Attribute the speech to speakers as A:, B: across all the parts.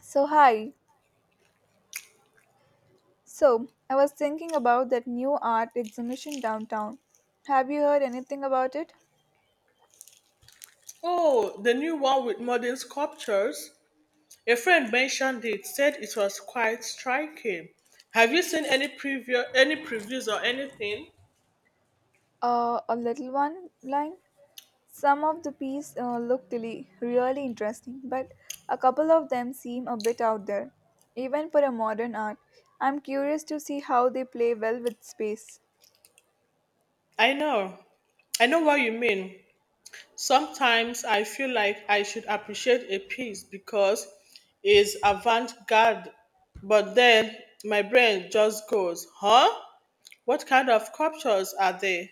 A: So, hi. So, I was thinking about that new art exhibition downtown. Have you heard anything about it?
B: Oh, the new one with modern sculptures. A friend mentioned it, said it was quite striking. Have you seen any previews or anything?
A: A little one line. Some of the pieces looked really interesting, but a couple of them seem a bit out there, even for a modern art. I'm curious to see how they play well with space.
B: I know. I know what you mean. Sometimes I feel like I should appreciate a piece because it's avant-garde, but then my brain just goes, "Huh? What kind of sculptures are they?"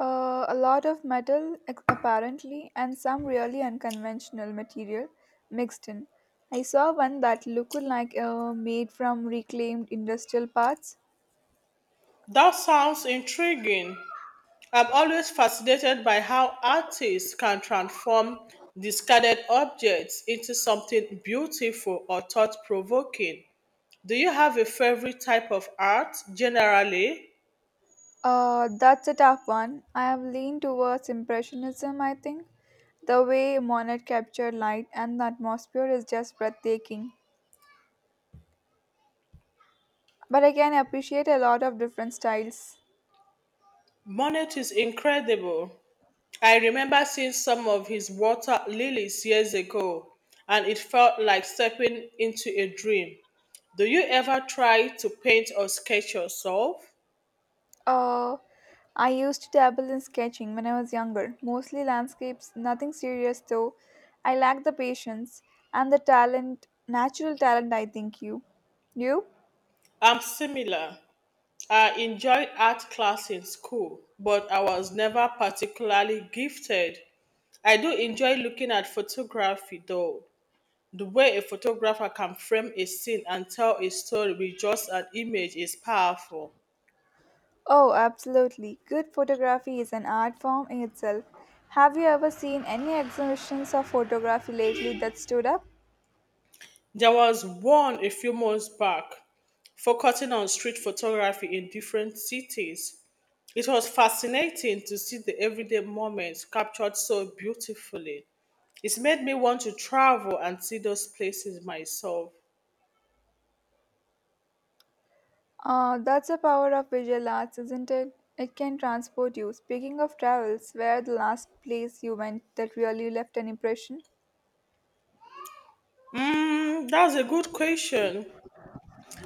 A: A lot of metal, apparently, and some really unconventional material mixed in. I saw one that looked like made from reclaimed industrial parts.
B: That sounds intriguing. I'm always fascinated by how artists can transform discarded objects into something beautiful or thought provoking. Do you have a favorite type of art generally?
A: That's a tough one. I have leaned towards Impressionism, I think. The way Monet captured light and the atmosphere is just breathtaking. But I can appreciate a lot of different styles.
B: Monet is incredible. I remember seeing some of his water lilies years ago, and it felt like stepping into a dream. Do you ever try to paint or sketch yourself?
A: Uh, I used to dabble in sketching when I was younger, mostly landscapes, nothing serious though. I lack the patience and the talent, natural talent, I think you. You?
B: I'm similar. I enjoyed art class in school, but I was never particularly gifted. I do enjoy looking at photography though. The way a photographer can frame a scene and tell a story with just an image is powerful.
A: Oh, absolutely. Good photography is an art form in itself. Have you ever seen any exhibitions of photography lately that stood up?
B: There was one a few months back focusing on street photography in different cities. It was fascinating to see the everyday moments captured so beautifully. It made me want to travel and see those places myself.
A: That's the power of visual arts, isn't it? It can transport you. Speaking of travels, where the last place you went that really left an impression?
B: Mm, that's a good question.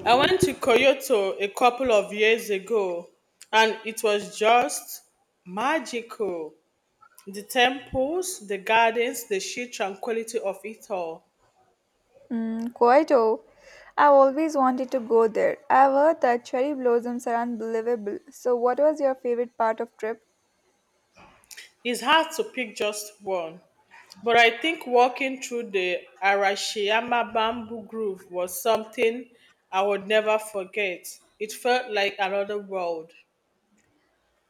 B: I went to Kyoto a couple of years ago and it was just magical. The temples, the gardens, the sheer tranquility of it all.
A: Mm, Kyoto. I've always wanted to go there. I've heard that cherry blossoms are unbelievable. So, what was your favorite part of trip?
B: It's hard to pick just one, but I think walking through the Arashiyama bamboo grove was something I would never forget. It felt like another world.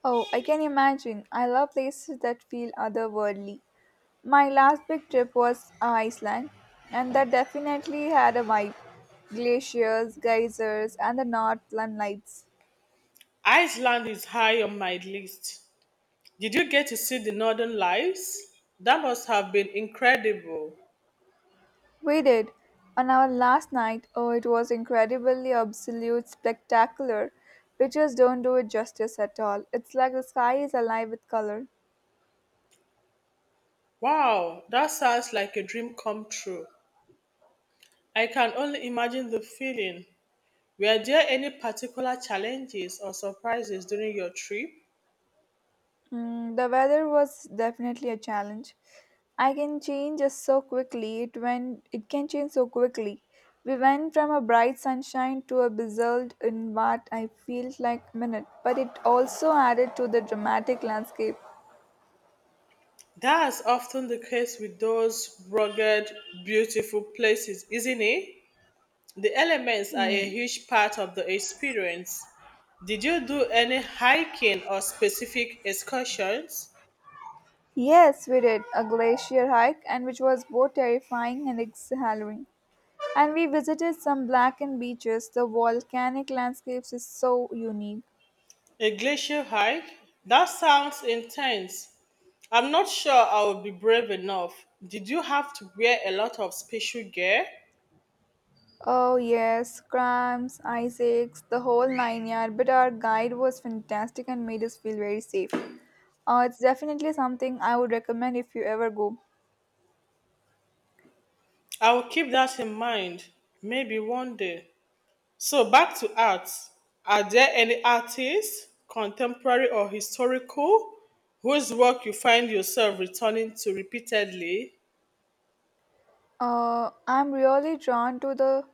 A: Oh, I can imagine. I love places that feel otherworldly. My last big trip was Iceland, and that definitely had a vibe. Glaciers, geysers, and the Northland Lights.
B: Iceland is high on my list. Did you get to see the northern lights? That must have been incredible.
A: We did. On our last night, oh, it was incredibly absolute spectacular. Pictures don't do it justice at all. It's like the sky is alive with color.
B: Wow, that sounds like a dream come true. I can only imagine the feeling. Were there any particular challenges or surprises during your trip?
A: Mm, the weather was definitely a challenge. I can change just so quickly. It went. It can change so quickly. We went from a bright sunshine to a blizzard in what I felt like a minute, but it also added to the dramatic landscape.
B: That's often the case with those rugged, beautiful places, isn't it? The elements are
A: Hmm.
B: a huge part of the experience. Did you do any hiking or specific excursions?
A: Yes, we did a glacier hike, and which was both terrifying and exhilarating. And we visited some blackened beaches. The volcanic landscapes is so unique.
B: A glacier hike? That sounds intense. I'm not sure I will be brave enough. Did you have to wear a lot of special gear?
A: Oh yes, cramps, ice aches, the whole nine yard. But our guide was fantastic and made us feel very safe. It's definitely something I would recommend if you ever go.
B: I will keep that in mind. Maybe one day. So back to art. Are there any artists, contemporary or historical, whose work you find yourself returning to repeatedly?
A: I'm really drawn to the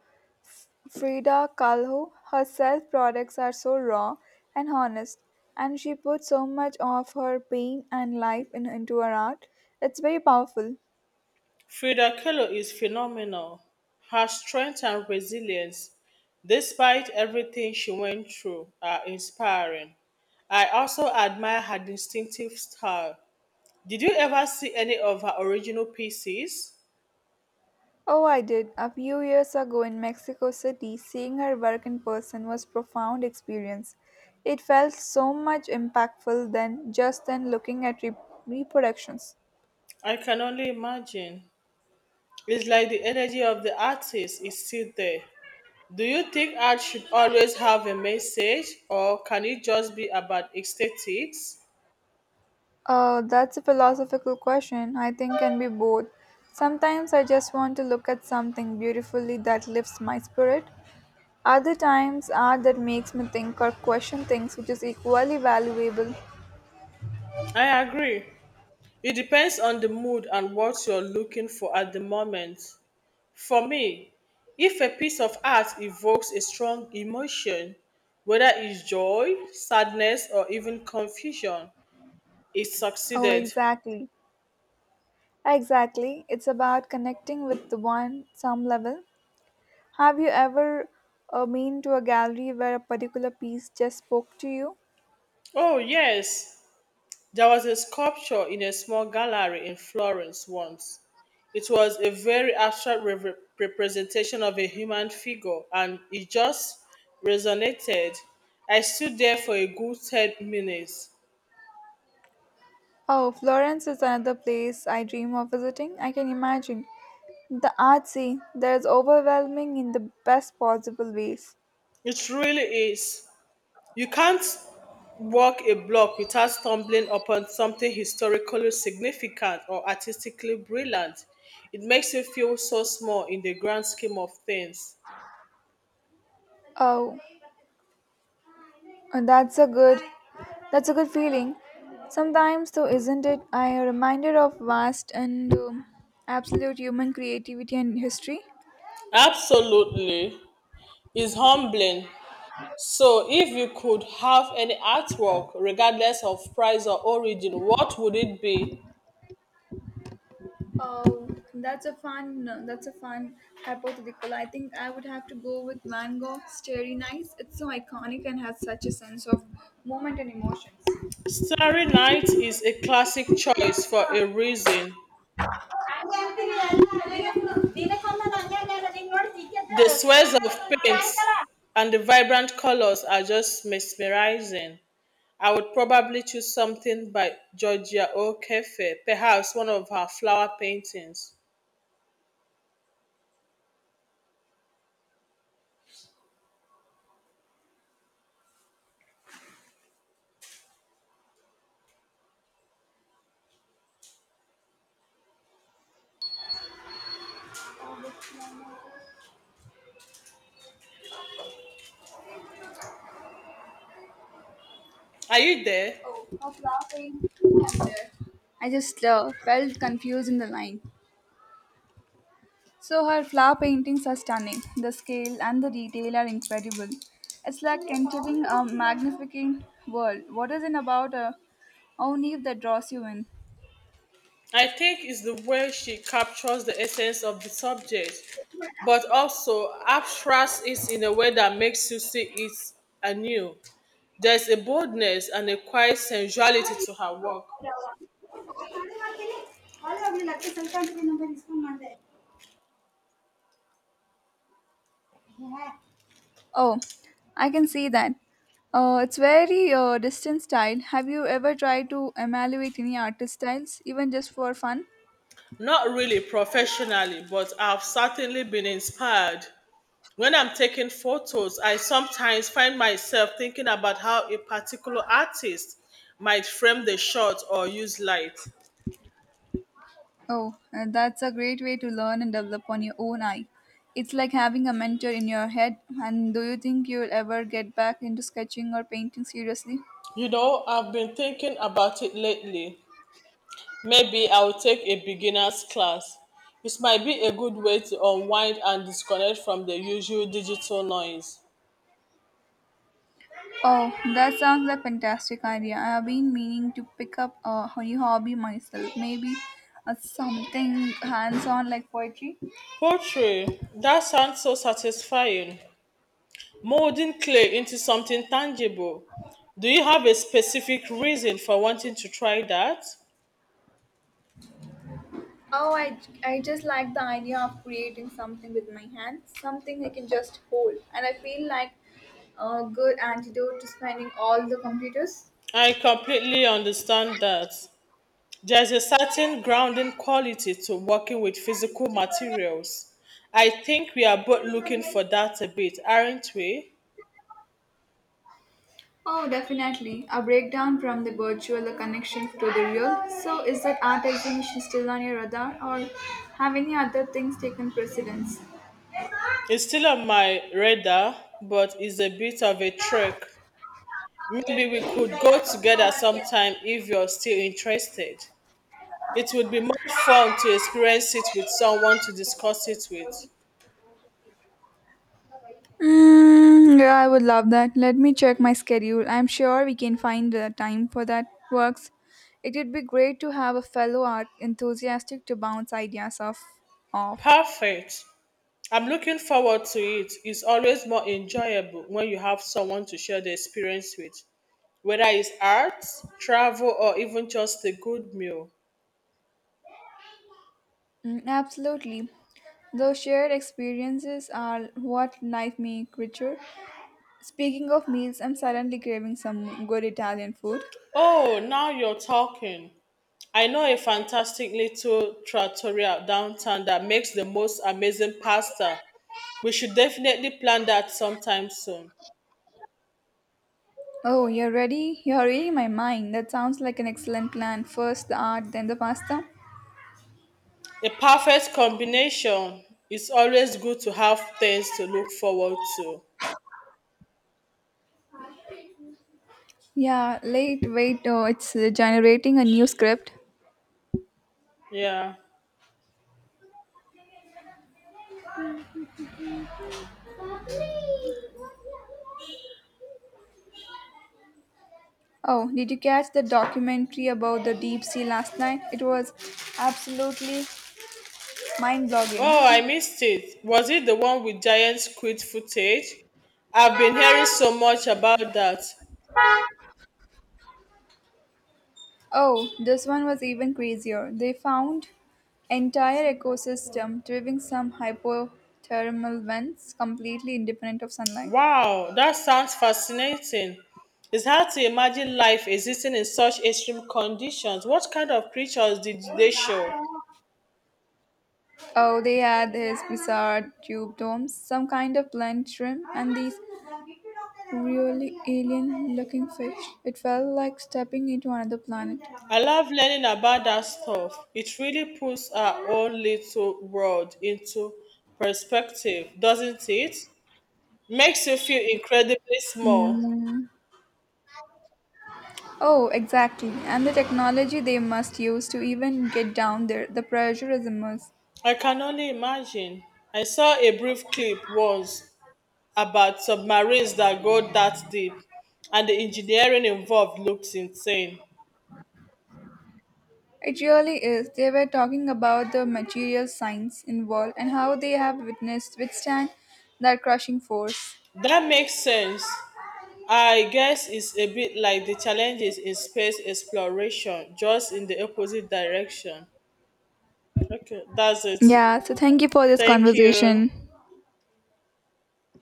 A: Frida Kahlo. Her self products are so raw and honest, and she puts so much of her pain and life in, into her art. It's very powerful.
B: Frida Kahlo is phenomenal. Her strength and resilience, despite everything she went through, are inspiring. I also admire her distinctive style. Did you ever see any of her original pieces?
A: Oh, I did. A few years ago in Mexico City, seeing her work in person was profound experience. It felt so much impactful than just than looking at reproductions.
B: I can only imagine. It's like the energy of the artist is still there. Do you think art should always have a message or can it just be about aesthetics?
A: That's a philosophical question. I think can be both. Sometimes I just want to look at something beautifully that lifts my spirit. Other times art that makes me think or question things, which is equally valuable.
B: I agree. It depends on the mood and what you're looking for at the moment. For me, if a piece of art evokes a strong emotion, whether it's joy, sadness, or even confusion, it
A: Oh,
B: succeeded.
A: exactly. Exactly. It's about connecting with the one some level. Have you ever been to a gallery where a particular piece just spoke to you?
B: Oh, yes. There was a sculpture in a small gallery in Florence once. It was a very abstract representation of a human figure and it just resonated. I stood there for a good 10 minutes.
A: Oh, Florence is another place I dream of visiting. I can imagine. The art scene. There's overwhelming in the best possible ways.
B: It really is. You can't walk a block without stumbling upon something historically significant or artistically brilliant. It makes you feel so small in the grand scheme of things.
A: Oh, that's a good, that's a good feeling. Sometimes, though, isn't it? I am reminded of vast and absolute human creativity and history.
B: Absolutely. It's humbling. So, if you could have any artwork, regardless of price or origin, what would it be?
A: Oh, that's a fun, no, that's a fun hypothetical. I think I would have to go with Van Gogh's Starry Nights. It's so iconic and has such a sense of moment and emotions.
B: Starry Night is a classic choice for a reason. The swirls of paint and the vibrant colors are just mesmerizing. I would probably choose something by Georgia O'Keeffe, perhaps one of her flower paintings. Are you there?
A: Oh, her flower paint. I'm there. I just felt confused in the line. So her flower paintings are stunning. The scale and the detail are incredible. It's like entering a magnificent world. What is it about a own Eve that draws you in?
B: I think it's the way she captures the essence of the subject, but also abstracts it in a way that makes you see it anew. There's a boldness and a quiet sensuality to her work.
A: Oh, I can see that. It's very distant style. Have you ever tried to evaluate any artist styles, even just for fun?
B: Not really professionally, but I've certainly been inspired. When I'm taking photos, I sometimes find myself thinking about how a particular artist might frame the shot or use light.
A: Oh, that's a great way to learn and develop on your own eye. It's like having a mentor in your head. And do you think you'll ever get back into sketching or painting seriously?
B: You know, I've been thinking about it lately. Maybe I'll take a beginner's class. It might be a good way to unwind and disconnect from the usual digital noise.
A: Oh, that sounds like a fantastic idea. I have been meaning to pick up a new hobby myself. Maybe something hands on like poetry?
B: Poetry, that sounds so satisfying. Molding clay into something tangible. Do you have a specific reason for wanting to try that?
A: Oh, I, I just like the idea of creating something with my hands, something I can just hold. And I feel like a good antidote to spending all the computers.
B: I completely understand that. There's a certain grounding quality to working with physical materials. I think we are both looking for that a bit, aren't we?
A: Oh, definitely. A breakdown from the virtual a connection to the real. So, is that art exhibition still on your radar, or have any other things taken precedence?
B: It's still on my radar, but it's a bit of a trek. Maybe we could go together sometime if you're still interested. It would be more fun to experience it with someone to discuss it with.
A: Mm, yeah, I would love that. Let me check my schedule. I'm sure we can find the time for that. Works. It would be great to have a fellow art enthusiastic to bounce ideas off.
B: Perfect. I'm looking forward to it. It's always more enjoyable when you have someone to share the experience with, whether it's art, travel, or even just a good meal.
A: Mm, absolutely. Those shared experiences are what life make richer. Speaking of meals, I'm suddenly craving some good Italian food.
B: Oh, now you're talking. I know a fantastic little trattoria downtown that makes the most amazing pasta. We should definitely plan that sometime soon.
A: Oh, you're ready? You're reading my mind. That sounds like an excellent plan. First the art, then the pasta.
B: A perfect combination. It's always good to have things to look forward to.
A: Yeah, late, wait, oh, it's generating a new script.
B: Yeah.
A: Oh, did you catch the documentary about the deep sea last night? It was absolutely mind blogging.
B: Oh, I missed it. Was it the one with giant squid footage? I've been hearing so much about that.
A: Oh, this one was even crazier. They found entire ecosystem driving some hypothermal vents completely independent of sunlight.
B: Wow, that sounds fascinating. It's hard to imagine life existing in such extreme conditions. What kind of creatures did they show?
A: Oh, they had these bizarre tube domes, some kind of blend shrimp, and these really alien looking fish. It felt like stepping into another planet.
B: I love learning about that stuff. It really puts our own little world into perspective, doesn't it? Makes you feel incredibly small.
A: Mm. Oh, exactly. And the technology they must use to even get down there, the pressure is immense.
B: I can only imagine. I saw a brief clip once about submarines that go that deep, and the engineering involved looks insane.
A: It really is. They were talking about the material science involved and how they have witnessed withstand that crushing force.
B: That makes sense. I guess it's a bit like the challenges in space exploration, just in the opposite direction. Okay, that's it.
A: Yeah, so thank you for this
B: Thank you.
A: conversation.